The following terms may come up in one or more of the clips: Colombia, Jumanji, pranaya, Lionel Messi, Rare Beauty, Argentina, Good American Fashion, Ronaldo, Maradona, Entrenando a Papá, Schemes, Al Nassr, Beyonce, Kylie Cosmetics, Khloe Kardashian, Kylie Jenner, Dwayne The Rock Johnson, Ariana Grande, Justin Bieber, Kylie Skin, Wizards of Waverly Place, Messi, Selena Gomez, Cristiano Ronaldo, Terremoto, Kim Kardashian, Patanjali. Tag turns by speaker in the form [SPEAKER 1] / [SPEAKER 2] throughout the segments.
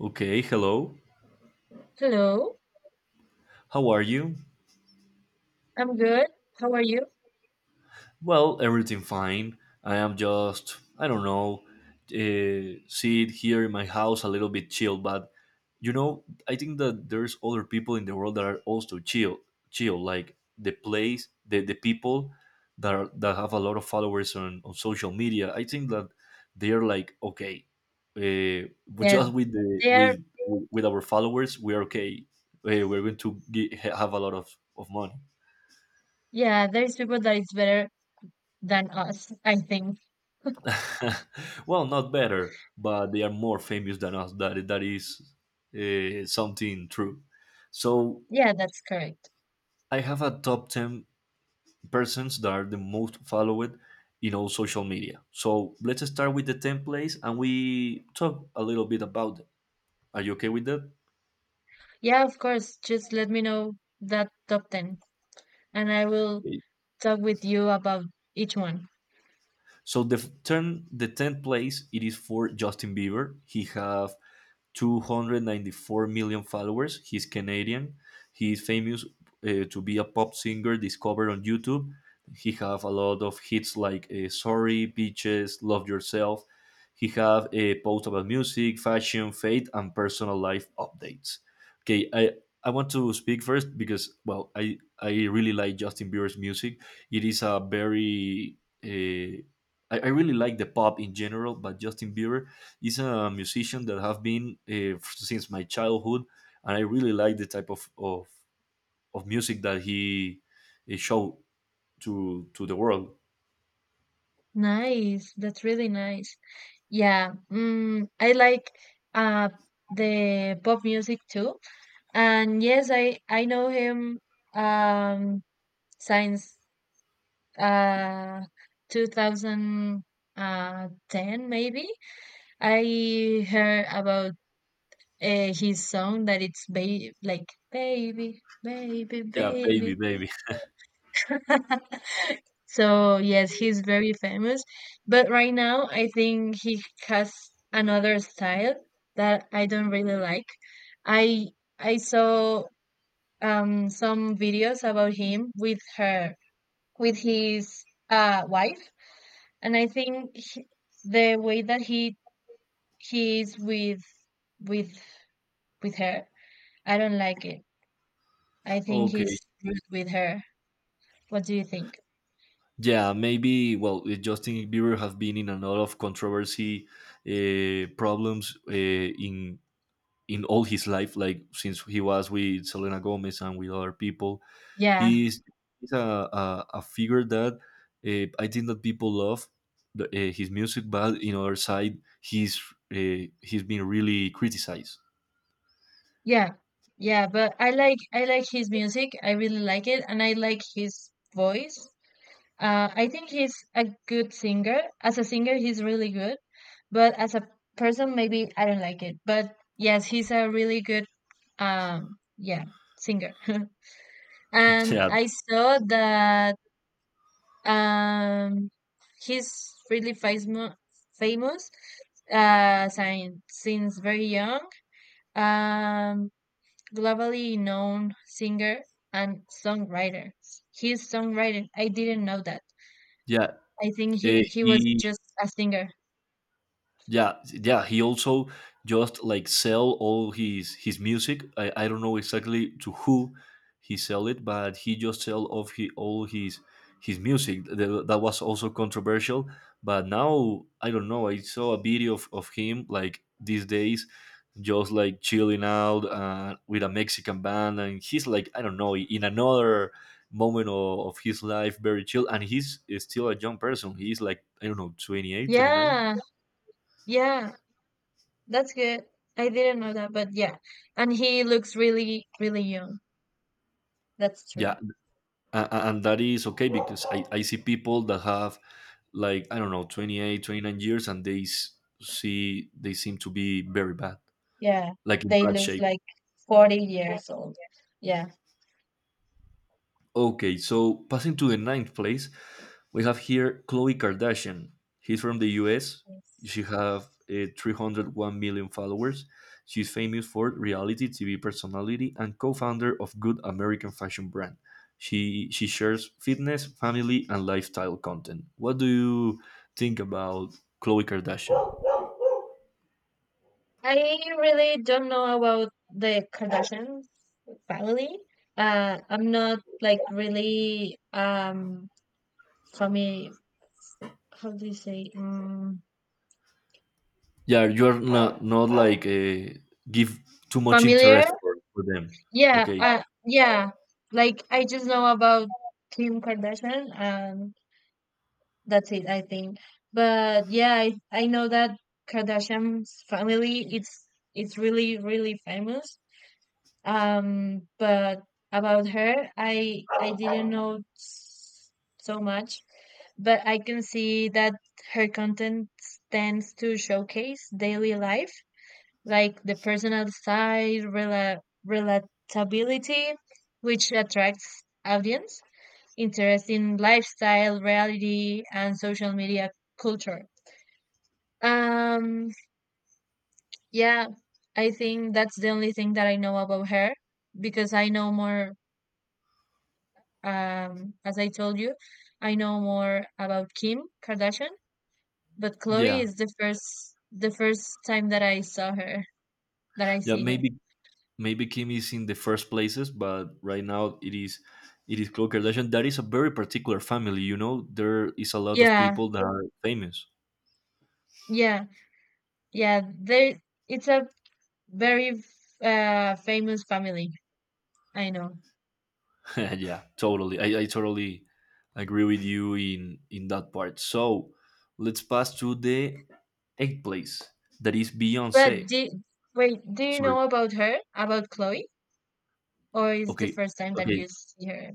[SPEAKER 1] Okay, hello.
[SPEAKER 2] Hello,
[SPEAKER 1] How are you?
[SPEAKER 2] I'm good. How are you?
[SPEAKER 1] Well, everything fine. I am just, I don't know, sit here in my house a little bit chill, but you know, I think that there's other people in the world that are also chill, chill, like the place, the people that are, that have a lot of followers on social media. I think that they're like, okay, uh, we
[SPEAKER 2] Yes,
[SPEAKER 1] just with the
[SPEAKER 2] there.
[SPEAKER 1] with our followers, we are okay. We're going to have a lot of money.
[SPEAKER 2] Yeah, there's people that is better than us, I think.
[SPEAKER 1] Well, not better, but they are more famous than us. That is something true. So
[SPEAKER 2] Yeah, that's correct.
[SPEAKER 1] I have a top ten persons that are the most followed in all social media. So let's start with the ten plays, and we talk a little bit about them. Are you okay with that?
[SPEAKER 2] Yeah, of course. Just let me know that top 10 and I will
[SPEAKER 1] Okay.
[SPEAKER 2] talk with you about each one.
[SPEAKER 1] So the the tenth place, it is for Justin Bieber. He have 294 million followers. He's Canadian. He's famous to be a pop singer discovered on YouTube. He have a lot of hits like "Sorry," "Beaches," "Love Yourself." He have a post about music, fashion, faith, and personal life updates. Okay, I want to speak first because well, I really like Justin Bieber's music. It is a very uh, I really like the pop in general, but Justin Bieber is a musician that have been since my childhood, and I really like the type of music that he showed to the world.
[SPEAKER 2] Nice. That's really nice. Yeah, I like uh the pop music too. And yes, I know him um since uh 2010 maybe. I heard about his song that it's like baby, baby,
[SPEAKER 1] Yeah, baby,
[SPEAKER 2] baby.
[SPEAKER 1] baby.
[SPEAKER 2] So yes, he's very famous, but right now I think he has another style that I don't really like. I i saw some videos about him with her, with his wife. And I think the way that he is with with with her, I don't like it. I think
[SPEAKER 1] Okay.
[SPEAKER 2] he's rude with her. What do you think?
[SPEAKER 1] Yeah, maybe. Well, Justin Bieber have been in a lot of controversy problems in all his life, like since he was with Selena Gomez and with other people.
[SPEAKER 2] Yeah,
[SPEAKER 1] He's, he's a figure that I think that people love his music, but in other side, he's been really criticized.
[SPEAKER 2] yeah, yeah. But I like his music. I really like it, and I like his voice. I think he's a good singer. As a singer, he's really good, but as a person, maybe I don't like it. But yes, he's a really good um yeah singer. And
[SPEAKER 1] Yeah.
[SPEAKER 2] I saw that Um, he's really famous since very young, um, globally known singer and songwriter. He's songwriter. I didn't know that.
[SPEAKER 1] Yeah,
[SPEAKER 2] I think he was
[SPEAKER 1] he
[SPEAKER 2] just a singer.
[SPEAKER 1] yeah yeah he also just like sell all his music I don't know exactly to who he sell it but he just sell of he all his music. That was also controversial, but now I don't know, I saw a video of him like these days just like chilling out with a mexican band and he's like I don't know in another moment of his life very chill, and he's still a young person. He's like I don't know 28, 29.
[SPEAKER 2] Yeah, yeah, that's good. I didn't know that, but yeah. And he looks really, really young. That's true.
[SPEAKER 1] Yeah, and that is okay because I see people that have like I don't know 28, 29 years and see they seem to be very bad,
[SPEAKER 2] Yeah,
[SPEAKER 1] like in
[SPEAKER 2] they
[SPEAKER 1] bad
[SPEAKER 2] look
[SPEAKER 1] shape.
[SPEAKER 2] like 40 years old. Yeah.
[SPEAKER 1] Okay, so passing to the ninth place, we have here Khloe Kardashian. He's from the US. She
[SPEAKER 2] Yes.
[SPEAKER 1] have 301 million followers. She's famous for reality TV personality and co-founder of Good American Fashion brand. She shares fitness, family, and lifestyle content. What do you think about Khloe Kardashian?
[SPEAKER 2] I really don't know about the Kardashians family. I'm not like really fami how do you say, um,
[SPEAKER 1] Yeah, you're not like give too much
[SPEAKER 2] familiar?
[SPEAKER 1] interest for them.
[SPEAKER 2] Yeah,
[SPEAKER 1] Okay.
[SPEAKER 2] yeah. Like I just know about Kim Kardashian, and that's it, I think. But yeah, I know that Kardashian's family it's really, really famous. But about her, I didn't know so much, but I can see that her content tends to showcase daily life, like the personal side, relatability, which attracts audience interest in lifestyle, reality, and social media culture. Um, yeah, I think that's the only thing that I know about her because I know more. As I told you, I know more about Kim Kardashian, but Chloe
[SPEAKER 1] Yeah.
[SPEAKER 2] is the first time that I saw her, that I
[SPEAKER 1] Yeah,
[SPEAKER 2] see her.
[SPEAKER 1] maybe Kim is in the first places, but right now it is Khloe Kardashian. That is a very particular family, you know. There is a lot of
[SPEAKER 2] Yeah,
[SPEAKER 1] people that are famous.
[SPEAKER 2] yeah, yeah. They It's a very famous family. I know.
[SPEAKER 1] Yeah, totally. I totally agree with you in that part. So let's pass to the eighth place. That is
[SPEAKER 2] But
[SPEAKER 1] Beyonce.
[SPEAKER 2] wait, do you
[SPEAKER 1] Sorry.
[SPEAKER 2] know about her, about Chloe, or is the
[SPEAKER 1] Okay.
[SPEAKER 2] first time that
[SPEAKER 1] Okay.
[SPEAKER 2] you see her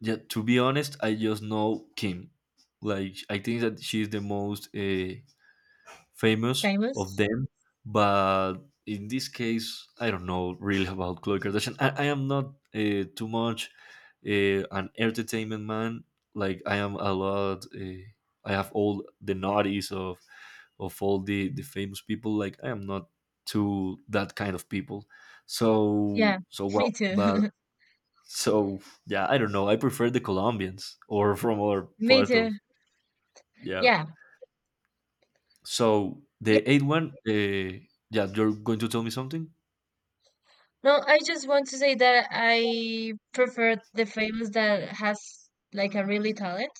[SPEAKER 1] Yeah. To be honest, I just know Kim. Like I think that she's the most famous of
[SPEAKER 2] famous?
[SPEAKER 1] them. But in this case, I don't know really about Khloe Kardashian. I am not too much an entertainment man. Like I am a lot. I have all the naughties of all the famous people. Like I am not to that kind of people.
[SPEAKER 2] Yeah,
[SPEAKER 1] So
[SPEAKER 2] me
[SPEAKER 1] well, but
[SPEAKER 2] too.
[SPEAKER 1] so yeah, I don't know. I prefer the Colombians or from other
[SPEAKER 2] Me
[SPEAKER 1] part
[SPEAKER 2] too.
[SPEAKER 1] of yeah
[SPEAKER 2] Yeah.
[SPEAKER 1] so the eighth one, yeah, you're going to tell me something?
[SPEAKER 2] No, I just want to say that I prefer the famous that has like a really talent.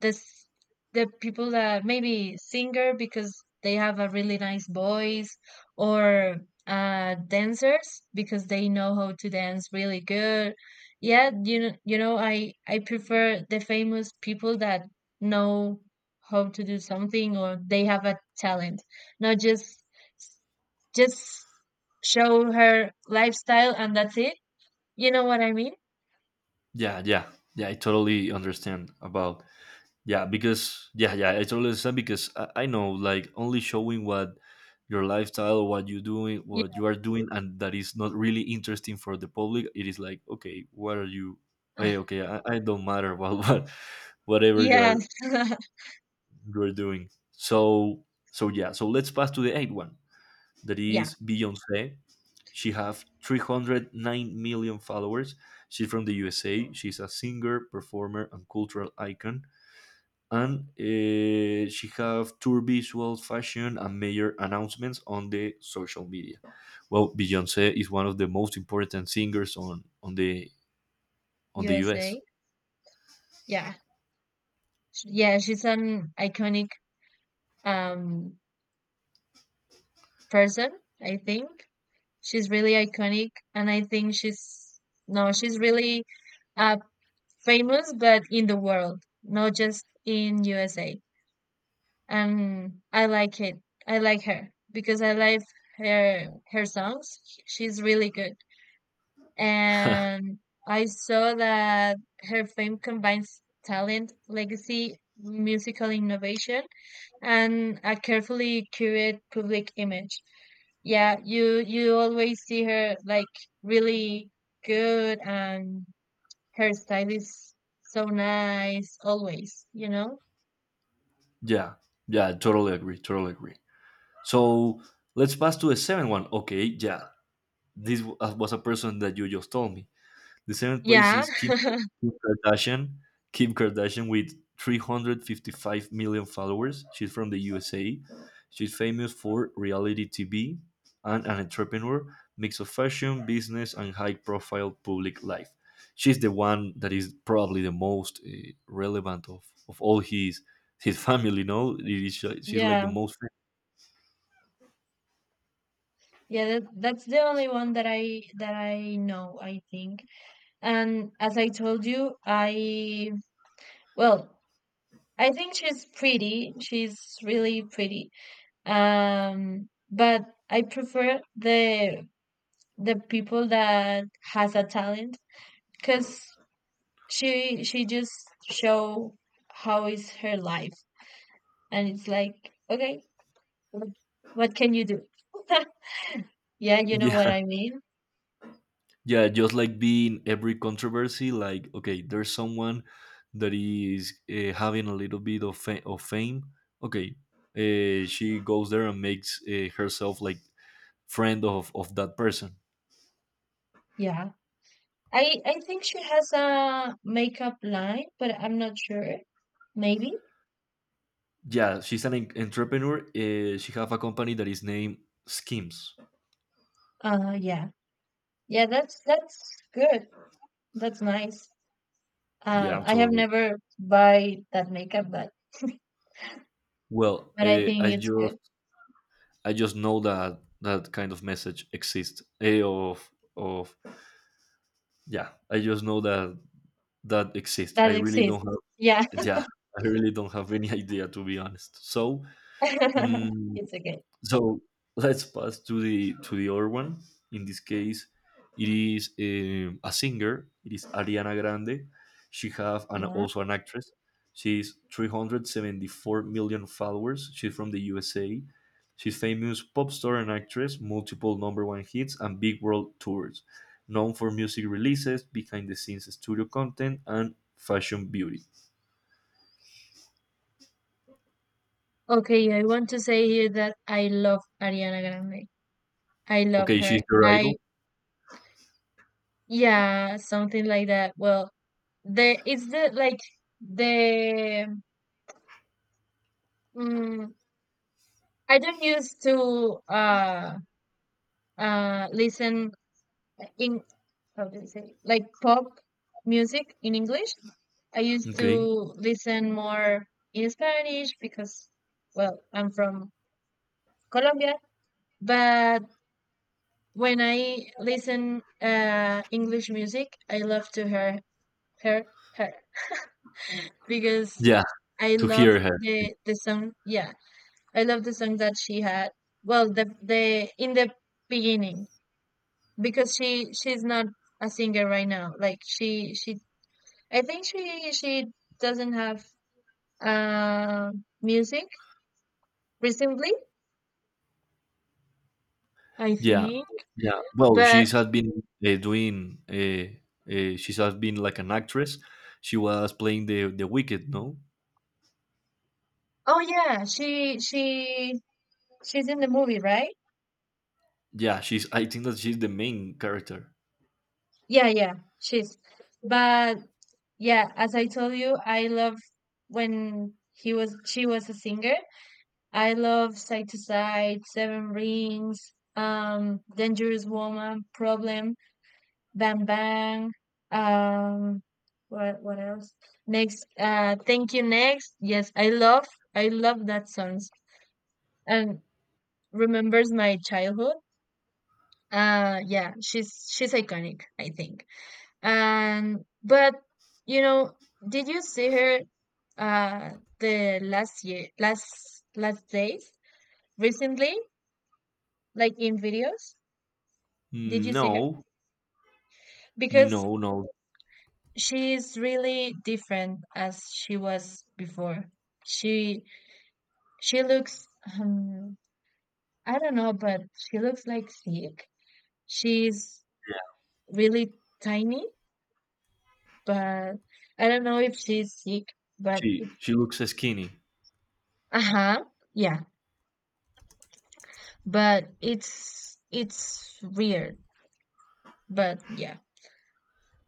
[SPEAKER 2] This The people that maybe singer because they have a really nice voice, or dancers because they know how to dance really good. Yeah, you know, I prefer the famous people that know how to do something or they have a talent, not just show her lifestyle and that's it. You know what I mean?
[SPEAKER 1] Yeah, yeah, yeah. I totally understand about yeah because yeah, yeah. I totally understand because I know like only showing what your lifestyle, what you doing,
[SPEAKER 2] Yeah.
[SPEAKER 1] what you are doing, and that is not really interesting for the public. It is like okay, what are you? Hey, okay, I don't matter about what whatever
[SPEAKER 2] Yeah.
[SPEAKER 1] you are doing. So yeah. So let's pass to the eighth one that
[SPEAKER 2] Yeah.
[SPEAKER 1] is Beyonce. She have 309 million followers. She's from the USA. She's a singer, performer, and cultural icon. And she have tour visuals, fashion, and major announcements on the social media. Well, Beyonce is one of the most important singers on the US.
[SPEAKER 2] USA. Yeah. Yeah, she's an iconic um person, I think. She's really iconic and I think she's no, she's really uh famous, but in the world, not just in USA. And I like it. I like her because I like her songs. She's really good. And I saw that her fame combines talent, legacy, musical innovation, and a carefully curated public image. Yeah, you always see her like really good, and her style is so nice always, you know?
[SPEAKER 1] Yeah, yeah, totally agree, totally agree. So let's pass to the seventh one. Okay, yeah, this was a person that you just told me. The seventh place
[SPEAKER 2] Yeah.
[SPEAKER 1] is Kim Kardashian. Kim Kardashian with 355 million followers. She's from the USA. She's famous for reality TV and an entrepreneur, mix of fashion, business, and high profile public life. She's the one that is probably the most relevant of all his family, no? It is- She's like the
[SPEAKER 2] Yeah,
[SPEAKER 1] most.
[SPEAKER 2] yeah, that, that's the only one that I know, I think. And as I told you, I well, I think she's pretty. She's really pretty. But I prefer the people that has a talent, because she just show how is her life, and it's like, okay, what can you do? Yeah, you know what
[SPEAKER 1] Yeah.
[SPEAKER 2] I mean.
[SPEAKER 1] Yeah, just like being every controversy, like okay, there's someone that is having a little bit of fame. Okay, she goes there and makes herself like friend of that person.
[SPEAKER 2] Yeah, I think she has a makeup line, but I'm not sure. Maybe.
[SPEAKER 1] Yeah, she's an entrepreneur. She have a company that is named Schemes.
[SPEAKER 2] Uh, yeah, yeah. That's good. That's nice.
[SPEAKER 1] Yeah,
[SPEAKER 2] I have
[SPEAKER 1] so
[SPEAKER 2] never buy that makeup, but
[SPEAKER 1] well,
[SPEAKER 2] but I think it's good
[SPEAKER 1] I just know that that kind of message exists. Eh, of Yeah, I just know that that exists. I
[SPEAKER 2] that
[SPEAKER 1] really
[SPEAKER 2] exists.
[SPEAKER 1] don't have
[SPEAKER 2] Yeah,
[SPEAKER 1] yeah, I really don't have any idea to be honest. So, mm,
[SPEAKER 2] it's okay.
[SPEAKER 1] so let's pass to the other one. In this case, it is a singer. It is Ariana Grande. She have and
[SPEAKER 2] Yeah.
[SPEAKER 1] also an actress. She's 374 million followers. She's from the USA. She's famous pop star and actress, multiple number one hits and big world tours. Known for music releases, behind the scenes studio content, and fashion beauty.
[SPEAKER 2] Okay, I want to say here that I love Ariana Grande. I love
[SPEAKER 1] Okay, she's
[SPEAKER 2] her.
[SPEAKER 1] your
[SPEAKER 2] I
[SPEAKER 1] idol.
[SPEAKER 2] Yeah, something like that. Well, the it's the like the mm, I don't used to listen in how do you say, like, pop music in English. I used to
[SPEAKER 1] Okay.
[SPEAKER 2] listen more in Spanish because well, I'm from Colombia, but when I listen English music, I love to hear her her because
[SPEAKER 1] Yeah,
[SPEAKER 2] I
[SPEAKER 1] to
[SPEAKER 2] love
[SPEAKER 1] hear her.
[SPEAKER 2] the song. Yeah, I love the song that she had. Well, the in the beginning because she's not a singer right now. Like she I think she doesn't have music recently, I
[SPEAKER 1] Yeah,
[SPEAKER 2] think.
[SPEAKER 1] yeah. Well,
[SPEAKER 2] But
[SPEAKER 1] she's has been doing. She's has been like an actress. She was playing the Wicked. No.
[SPEAKER 2] oh yeah, she's in the movie, right?
[SPEAKER 1] Yeah, she's. I think that she's the main character.
[SPEAKER 2] Yeah, yeah, she's. But yeah, as I told you, I love when he was she was a singer. I love Side to Side, Seven Rings, Dangerous Woman, Problem. Bang Bang. Um, what else? Next, Thank You Next. Yes, I love that songs and remembers my childhood. Yeah, she's iconic, I think. And but you know, did you see her uh the last year, last days recently, like in videos? Did
[SPEAKER 1] Mm,
[SPEAKER 2] you see her?
[SPEAKER 1] no,
[SPEAKER 2] Because
[SPEAKER 1] no, no.
[SPEAKER 2] she is really different as she was before. She she looks um, I don't know, but she looks like sick. She's
[SPEAKER 1] Yeah,
[SPEAKER 2] really tiny, but I don't know if she's sick, but it's
[SPEAKER 1] she looks skinny.
[SPEAKER 2] uh-huh, yeah. But it's weird. But yeah.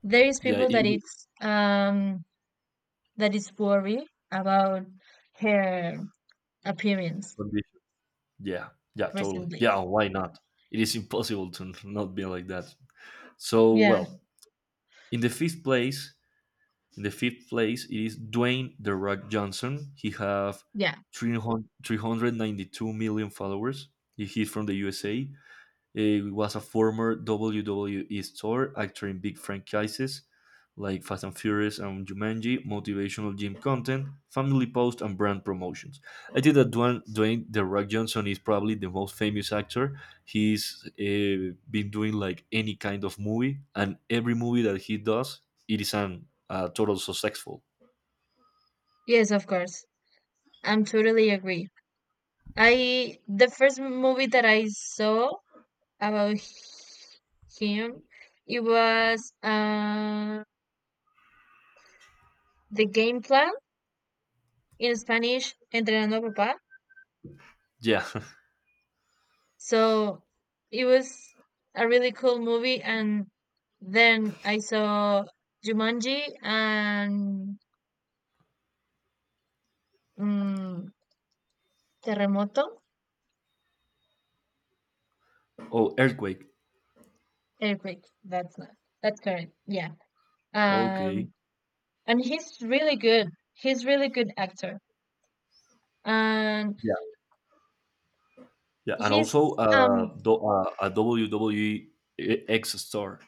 [SPEAKER 2] There is
[SPEAKER 1] Yeah,
[SPEAKER 2] people
[SPEAKER 1] it
[SPEAKER 2] that
[SPEAKER 1] is
[SPEAKER 2] it's that is worried about her appearance
[SPEAKER 1] condition. Yeah, yeah, totally.
[SPEAKER 2] recently.
[SPEAKER 1] Yeah, why not? It is impossible to not be like that. So
[SPEAKER 2] Yeah,
[SPEAKER 1] well, in the fifth place in the fifth place, it is Dwayne The Rock Johnson. He have
[SPEAKER 2] yeah.
[SPEAKER 1] 300 392 million followers. He- is from the USA. It was a former WWE store, acting big franchises like Fast and Furious and Jumanji, motivational gym content, family posts, and brand promotions. I think that Dwayne The Rock Johnson is probably the most famous actor. He's been doing like any kind of movie, and every movie that he does, it is an total successful.
[SPEAKER 2] Yes, of course. I'm totally agree. I The first movie that I saw about him, it was The Game Plan, in Spanish, Entrenando a Papá.
[SPEAKER 1] Yeah.
[SPEAKER 2] So it was a really cool movie, and then I saw Jumanji and, um, Terremoto,
[SPEAKER 1] Oh, Earthquake.
[SPEAKER 2] Earthquake. That's not, that's correct. Yeah.
[SPEAKER 1] Okay.
[SPEAKER 2] Um, and he's really good. He's really good actor, and
[SPEAKER 1] Yeah. Yeah, and
[SPEAKER 2] he's
[SPEAKER 1] also
[SPEAKER 2] um
[SPEAKER 1] a WWE X store.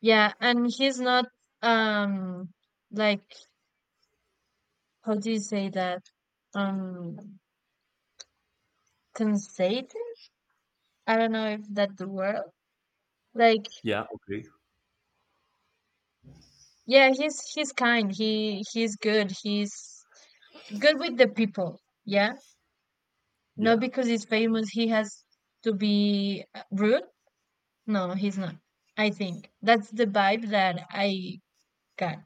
[SPEAKER 2] yeah, and he's not um like how do you say that, um, conceited? I don't know if that's the word. Like
[SPEAKER 1] Yeah. Okay.
[SPEAKER 2] yeah, he's kind. He's good. He's good with the people. Yeah, not
[SPEAKER 1] Yeah.
[SPEAKER 2] because he's famous he has to be, rude. No, he's not. I think that's the vibe that I got.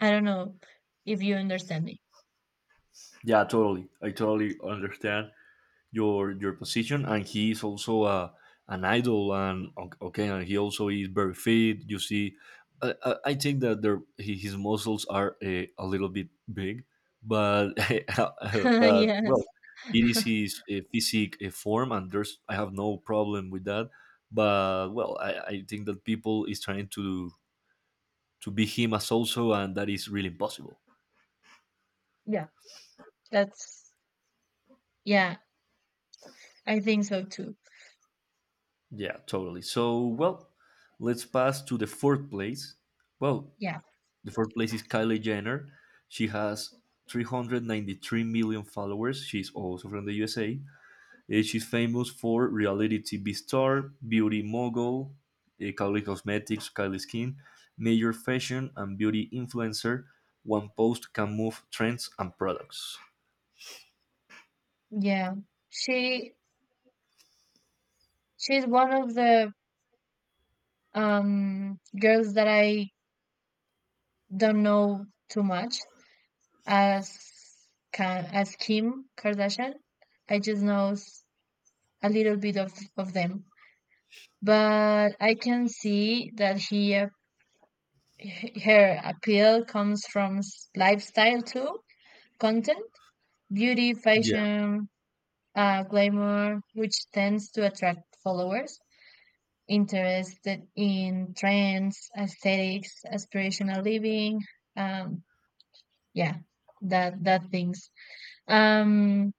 [SPEAKER 2] I don't know if you understand me.
[SPEAKER 1] Yeah. Totally. I totally understand your position, and he is also a an idol, and okay, and he also is very fit. You see, I think that his muscles are a little bit big, but but
[SPEAKER 2] Yes.
[SPEAKER 1] well, it is his physique form, and there's I have no problem with that. But well, I think that people is trying to be him as also, and that is really impossible.
[SPEAKER 2] Yeah. That's Yeah, I think so too.
[SPEAKER 1] Yeah, totally. So, well, let's pass to the fourth place. Well,
[SPEAKER 2] Yeah.
[SPEAKER 1] the fourth place is Kylie Jenner. She has 393 million followers. She's also from the USA. She's famous for reality TV star, beauty mogul, Kylie Cosmetics, Kylie Skin, major fashion and beauty influencer. One post can move trends and products.
[SPEAKER 2] Yeah. She she's one of the girls that I don't know too much as as Kim Kardashian. I just know a little bit of them. But I can see that her appeal comes from, lifestyle too, content, beauty,
[SPEAKER 1] Yeah,
[SPEAKER 2] fashion, glamour, which tends to attract followers interested in trends, aesthetics, aspirational living. Um, yeah, that things. Um,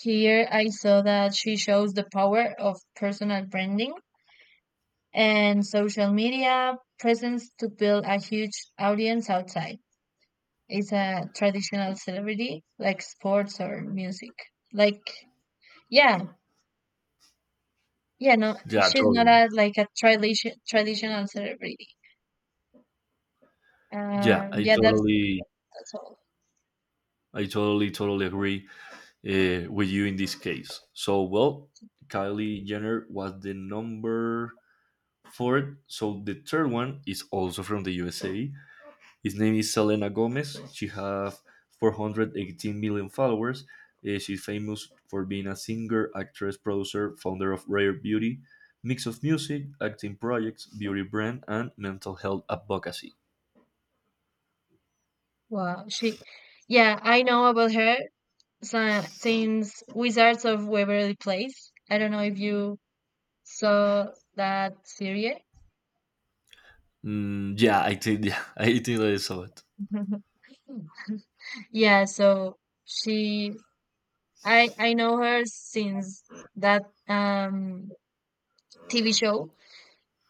[SPEAKER 2] here I saw that she shows the power of personal branding and social media presence to build a huge audience outside. It's a traditional celebrity like sports or music. Like, yeah, yeah, no,
[SPEAKER 1] yeah,
[SPEAKER 2] she's not
[SPEAKER 1] totally.
[SPEAKER 2] a like a traditional celebrity.
[SPEAKER 1] Yeah,
[SPEAKER 2] Yeah, that's all.
[SPEAKER 1] totally agree with you in this case. So, well, Kylie Jenner was the number fourth. So the third one is also from the USA. His name is Selena Gomez. She has 418 million followers. She's famous for being a singer, actress, producer, founder of Rare Beauty, mix of music, acting projects, beauty brand, and mental health advocacy.
[SPEAKER 2] Wow, yeah, I know about her since Wizards of Waverly Place. I don't know if you saw that series.
[SPEAKER 1] Mm, yeah, I think yeah, I think I saw it.
[SPEAKER 2] Yeah, so she, I know her since that TV show,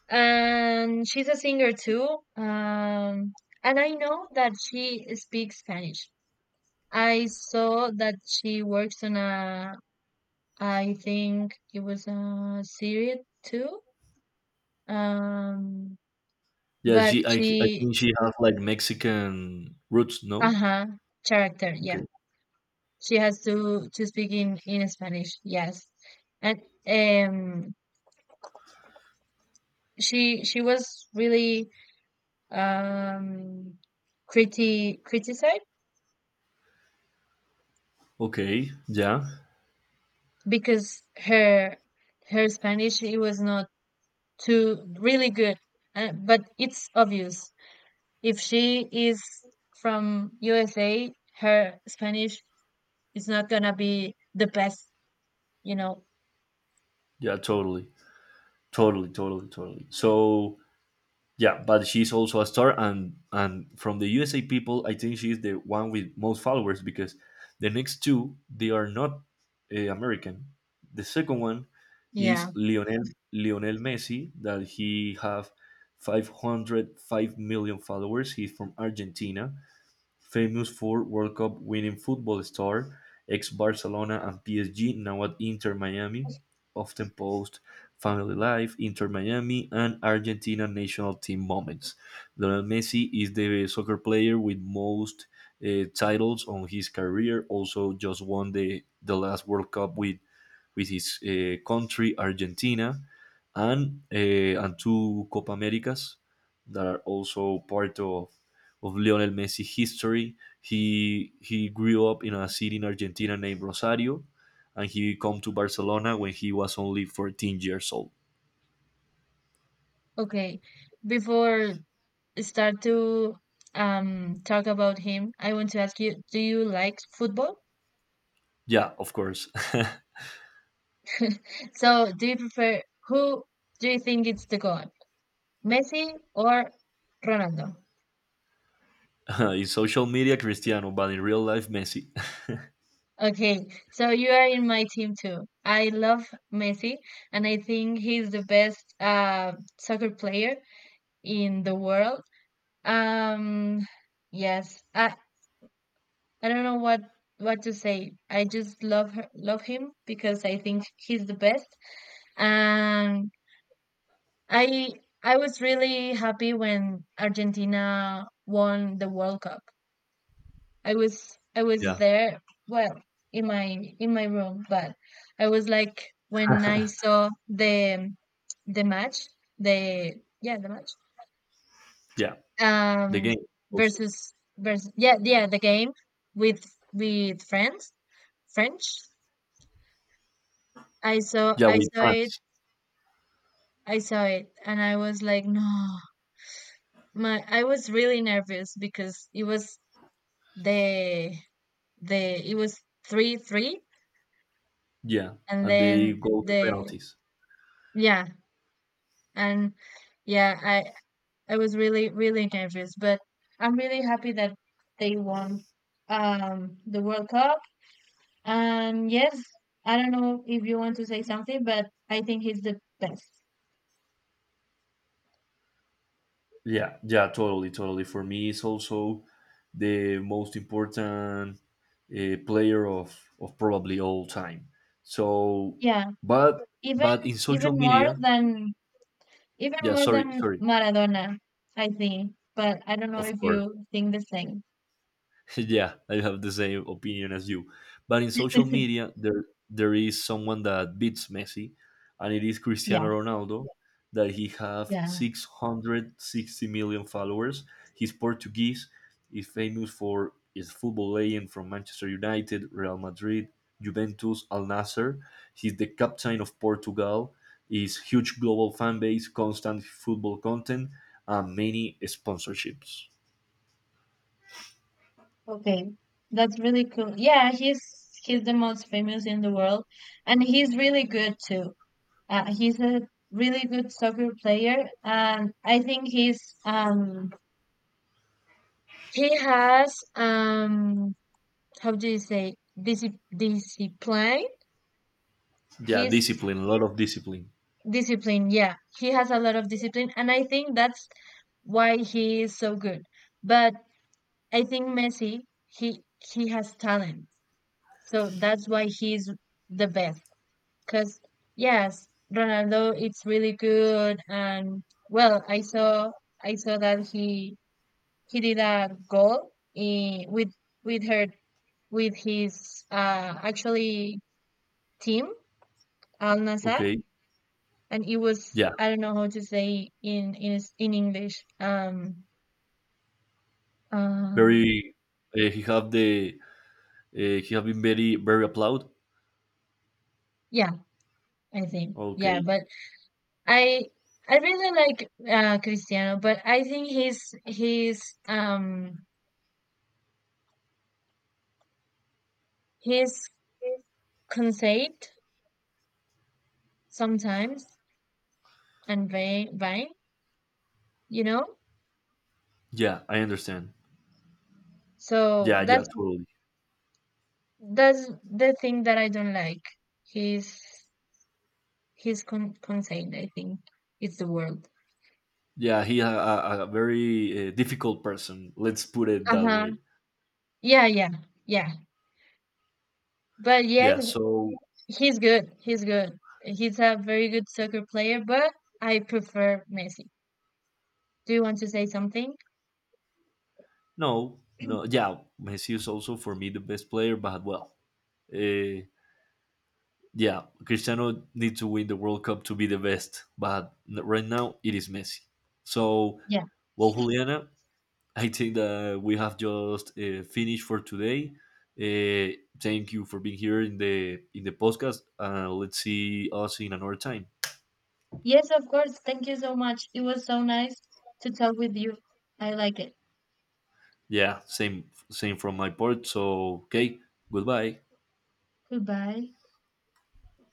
[SPEAKER 2] and she's a singer too. Um, and I know that she speaks Spanish. I saw that she works on a, I think it was a series too. Um,
[SPEAKER 1] Yeah,
[SPEAKER 2] but
[SPEAKER 1] she. I think she has like Mexican roots. No.
[SPEAKER 2] uh-huh, character,
[SPEAKER 1] Okay.
[SPEAKER 2] yeah. She has to speak in Spanish, yes. And um, she was really um criticized
[SPEAKER 1] Okay. Yeah.
[SPEAKER 2] because her Spanish it was not too really good, but it's obvious. If she is from USA, her Spanish is not gonna be the best, you know.
[SPEAKER 1] Yeah. Totally. Totally. Totally. Totally. So yeah, but she's also a star, and from the USA people, I think she's the one with most followers because the next two they are not American. The second one is
[SPEAKER 2] Yeah.
[SPEAKER 1] Lionel Messi that he have 505 million followers. He's from Argentina famous for World Cup winning football star, ex Barcelona and PSG, now at Inter Miami, often post family life, Inter Miami, and Argentina national team moments. Lionel Messi is the soccer player with most titles on his career, also just won the last World Cup with his country, Argentina, and two Copa Americas that are also part of Lionel Messi history. He grew up in a city in Argentina named Rosario, and he come to Barcelona when he was only 14 years old.
[SPEAKER 2] Okay. Before I start to talk about him, I want to ask you, do you like football?
[SPEAKER 1] Yeah, of course.
[SPEAKER 2] So, do you prefer who do you think it's the god? Messi or Ronaldo?
[SPEAKER 1] In social media, Cristiano, but in real life, Messi.
[SPEAKER 2] Okay, so you are in my team too. I love Messi and I think he's the best soccer player in the world. Um, yes. I don't know what to say. I just love him because I think he's the best. And I I was really happy when Argentina won the World Cup. I was
[SPEAKER 1] Yeah,
[SPEAKER 2] there, well, in my room, but I was like when I saw the match, the yeah, the match.
[SPEAKER 1] yeah. The game
[SPEAKER 2] Um,
[SPEAKER 1] also.
[SPEAKER 2] versus versus yeah, yeah, the game with friends. French. I saw
[SPEAKER 1] Yeah,
[SPEAKER 2] I
[SPEAKER 1] with
[SPEAKER 2] saw it
[SPEAKER 1] France.
[SPEAKER 2] I saw it and I was like, no, my, I was really nervous because it was the the it was 3-3
[SPEAKER 1] Yeah,
[SPEAKER 2] and
[SPEAKER 1] and they
[SPEAKER 2] then
[SPEAKER 1] go to
[SPEAKER 2] the
[SPEAKER 1] penalties.
[SPEAKER 2] yeah, and yeah, I was really, really nervous, but I'm really happy that they won the World Cup. And yes, I don't know if you want to say something, but I think he's the best.
[SPEAKER 1] Yeah, yeah, totally, totally. For me, it's also the most important player of probably all time. So,
[SPEAKER 2] Yeah,
[SPEAKER 1] but
[SPEAKER 2] even
[SPEAKER 1] but in social
[SPEAKER 2] even more
[SPEAKER 1] media,
[SPEAKER 2] than even
[SPEAKER 1] yeah.
[SPEAKER 2] more than
[SPEAKER 1] Sorry.
[SPEAKER 2] Maradona, I think. But I don't know
[SPEAKER 1] Of
[SPEAKER 2] if
[SPEAKER 1] course.
[SPEAKER 2] you think the same.
[SPEAKER 1] Yeah, I have the same opinion as you. But in social media, there is someone that beats Messi, and it is Cristiano
[SPEAKER 2] Yeah,
[SPEAKER 1] Ronaldo, that he have
[SPEAKER 2] yeah.
[SPEAKER 1] 660 million followers. He's Portuguese, is famous for his football legend from Manchester United, Real Madrid, Juventus, Al Nasser. He's the captain of Portugal. His huge global fan base, constant football content, and many sponsorships.
[SPEAKER 2] Okay. That's really cool. Yeah, he's the most famous in the world, and he's really good too. He's a really good soccer player, and I think um he has how do you say, discipline.
[SPEAKER 1] Yeah,
[SPEAKER 2] He's
[SPEAKER 1] discipline, a lot of discipline.
[SPEAKER 2] Discipline, yeah. He has a lot of discipline, and I think that's why he is so good. But I think Messi, he he has talent, so that's why he's the best, because yes, Ronaldo it's really good. And well, I saw that he did a goal with her with his, uh, actually team, Al Nassr,
[SPEAKER 1] Okay.
[SPEAKER 2] and it was,
[SPEAKER 1] Yeah.
[SPEAKER 2] I don't know how to say in in English. Um,
[SPEAKER 1] Very. He have the. He have been very very applaud.
[SPEAKER 2] yeah, I think yeah,
[SPEAKER 1] Okay.
[SPEAKER 2] but I I really like, Cristiano, but I think his um, his conceit sometimes, and vain, you know.
[SPEAKER 1] Yeah, I understand.
[SPEAKER 2] So
[SPEAKER 1] Yeah. Yeah.
[SPEAKER 2] that's
[SPEAKER 1] Totally.
[SPEAKER 2] the thing that I don't like. His conceit, I think, is the word.
[SPEAKER 1] Yeah. He a very difficult person. Let's put it
[SPEAKER 2] Uh
[SPEAKER 1] that
[SPEAKER 2] huh.
[SPEAKER 1] way.
[SPEAKER 2] Yeah, yeah, yeah. But
[SPEAKER 1] Yeah.
[SPEAKER 2] yes,
[SPEAKER 1] So
[SPEAKER 2] he's good. He's good. He's a very good soccer player, but I prefer Messi. Do you want to say something?
[SPEAKER 1] no. No. Yeah. Messi is also for me the best player, but well. Uh, yeah. Cristiano needs to win the World Cup to be the best, but right now it is Messi. So
[SPEAKER 2] Yeah.
[SPEAKER 1] well, Juliana, I think that we have just finished for today. Thank you for being here in the podcast. Let's see us in another time.
[SPEAKER 2] Yes, of course. Thank you so much. It was so nice to talk with you. I like it.
[SPEAKER 1] Yeah, same same from my part. So okay, goodbye.
[SPEAKER 2] Goodbye.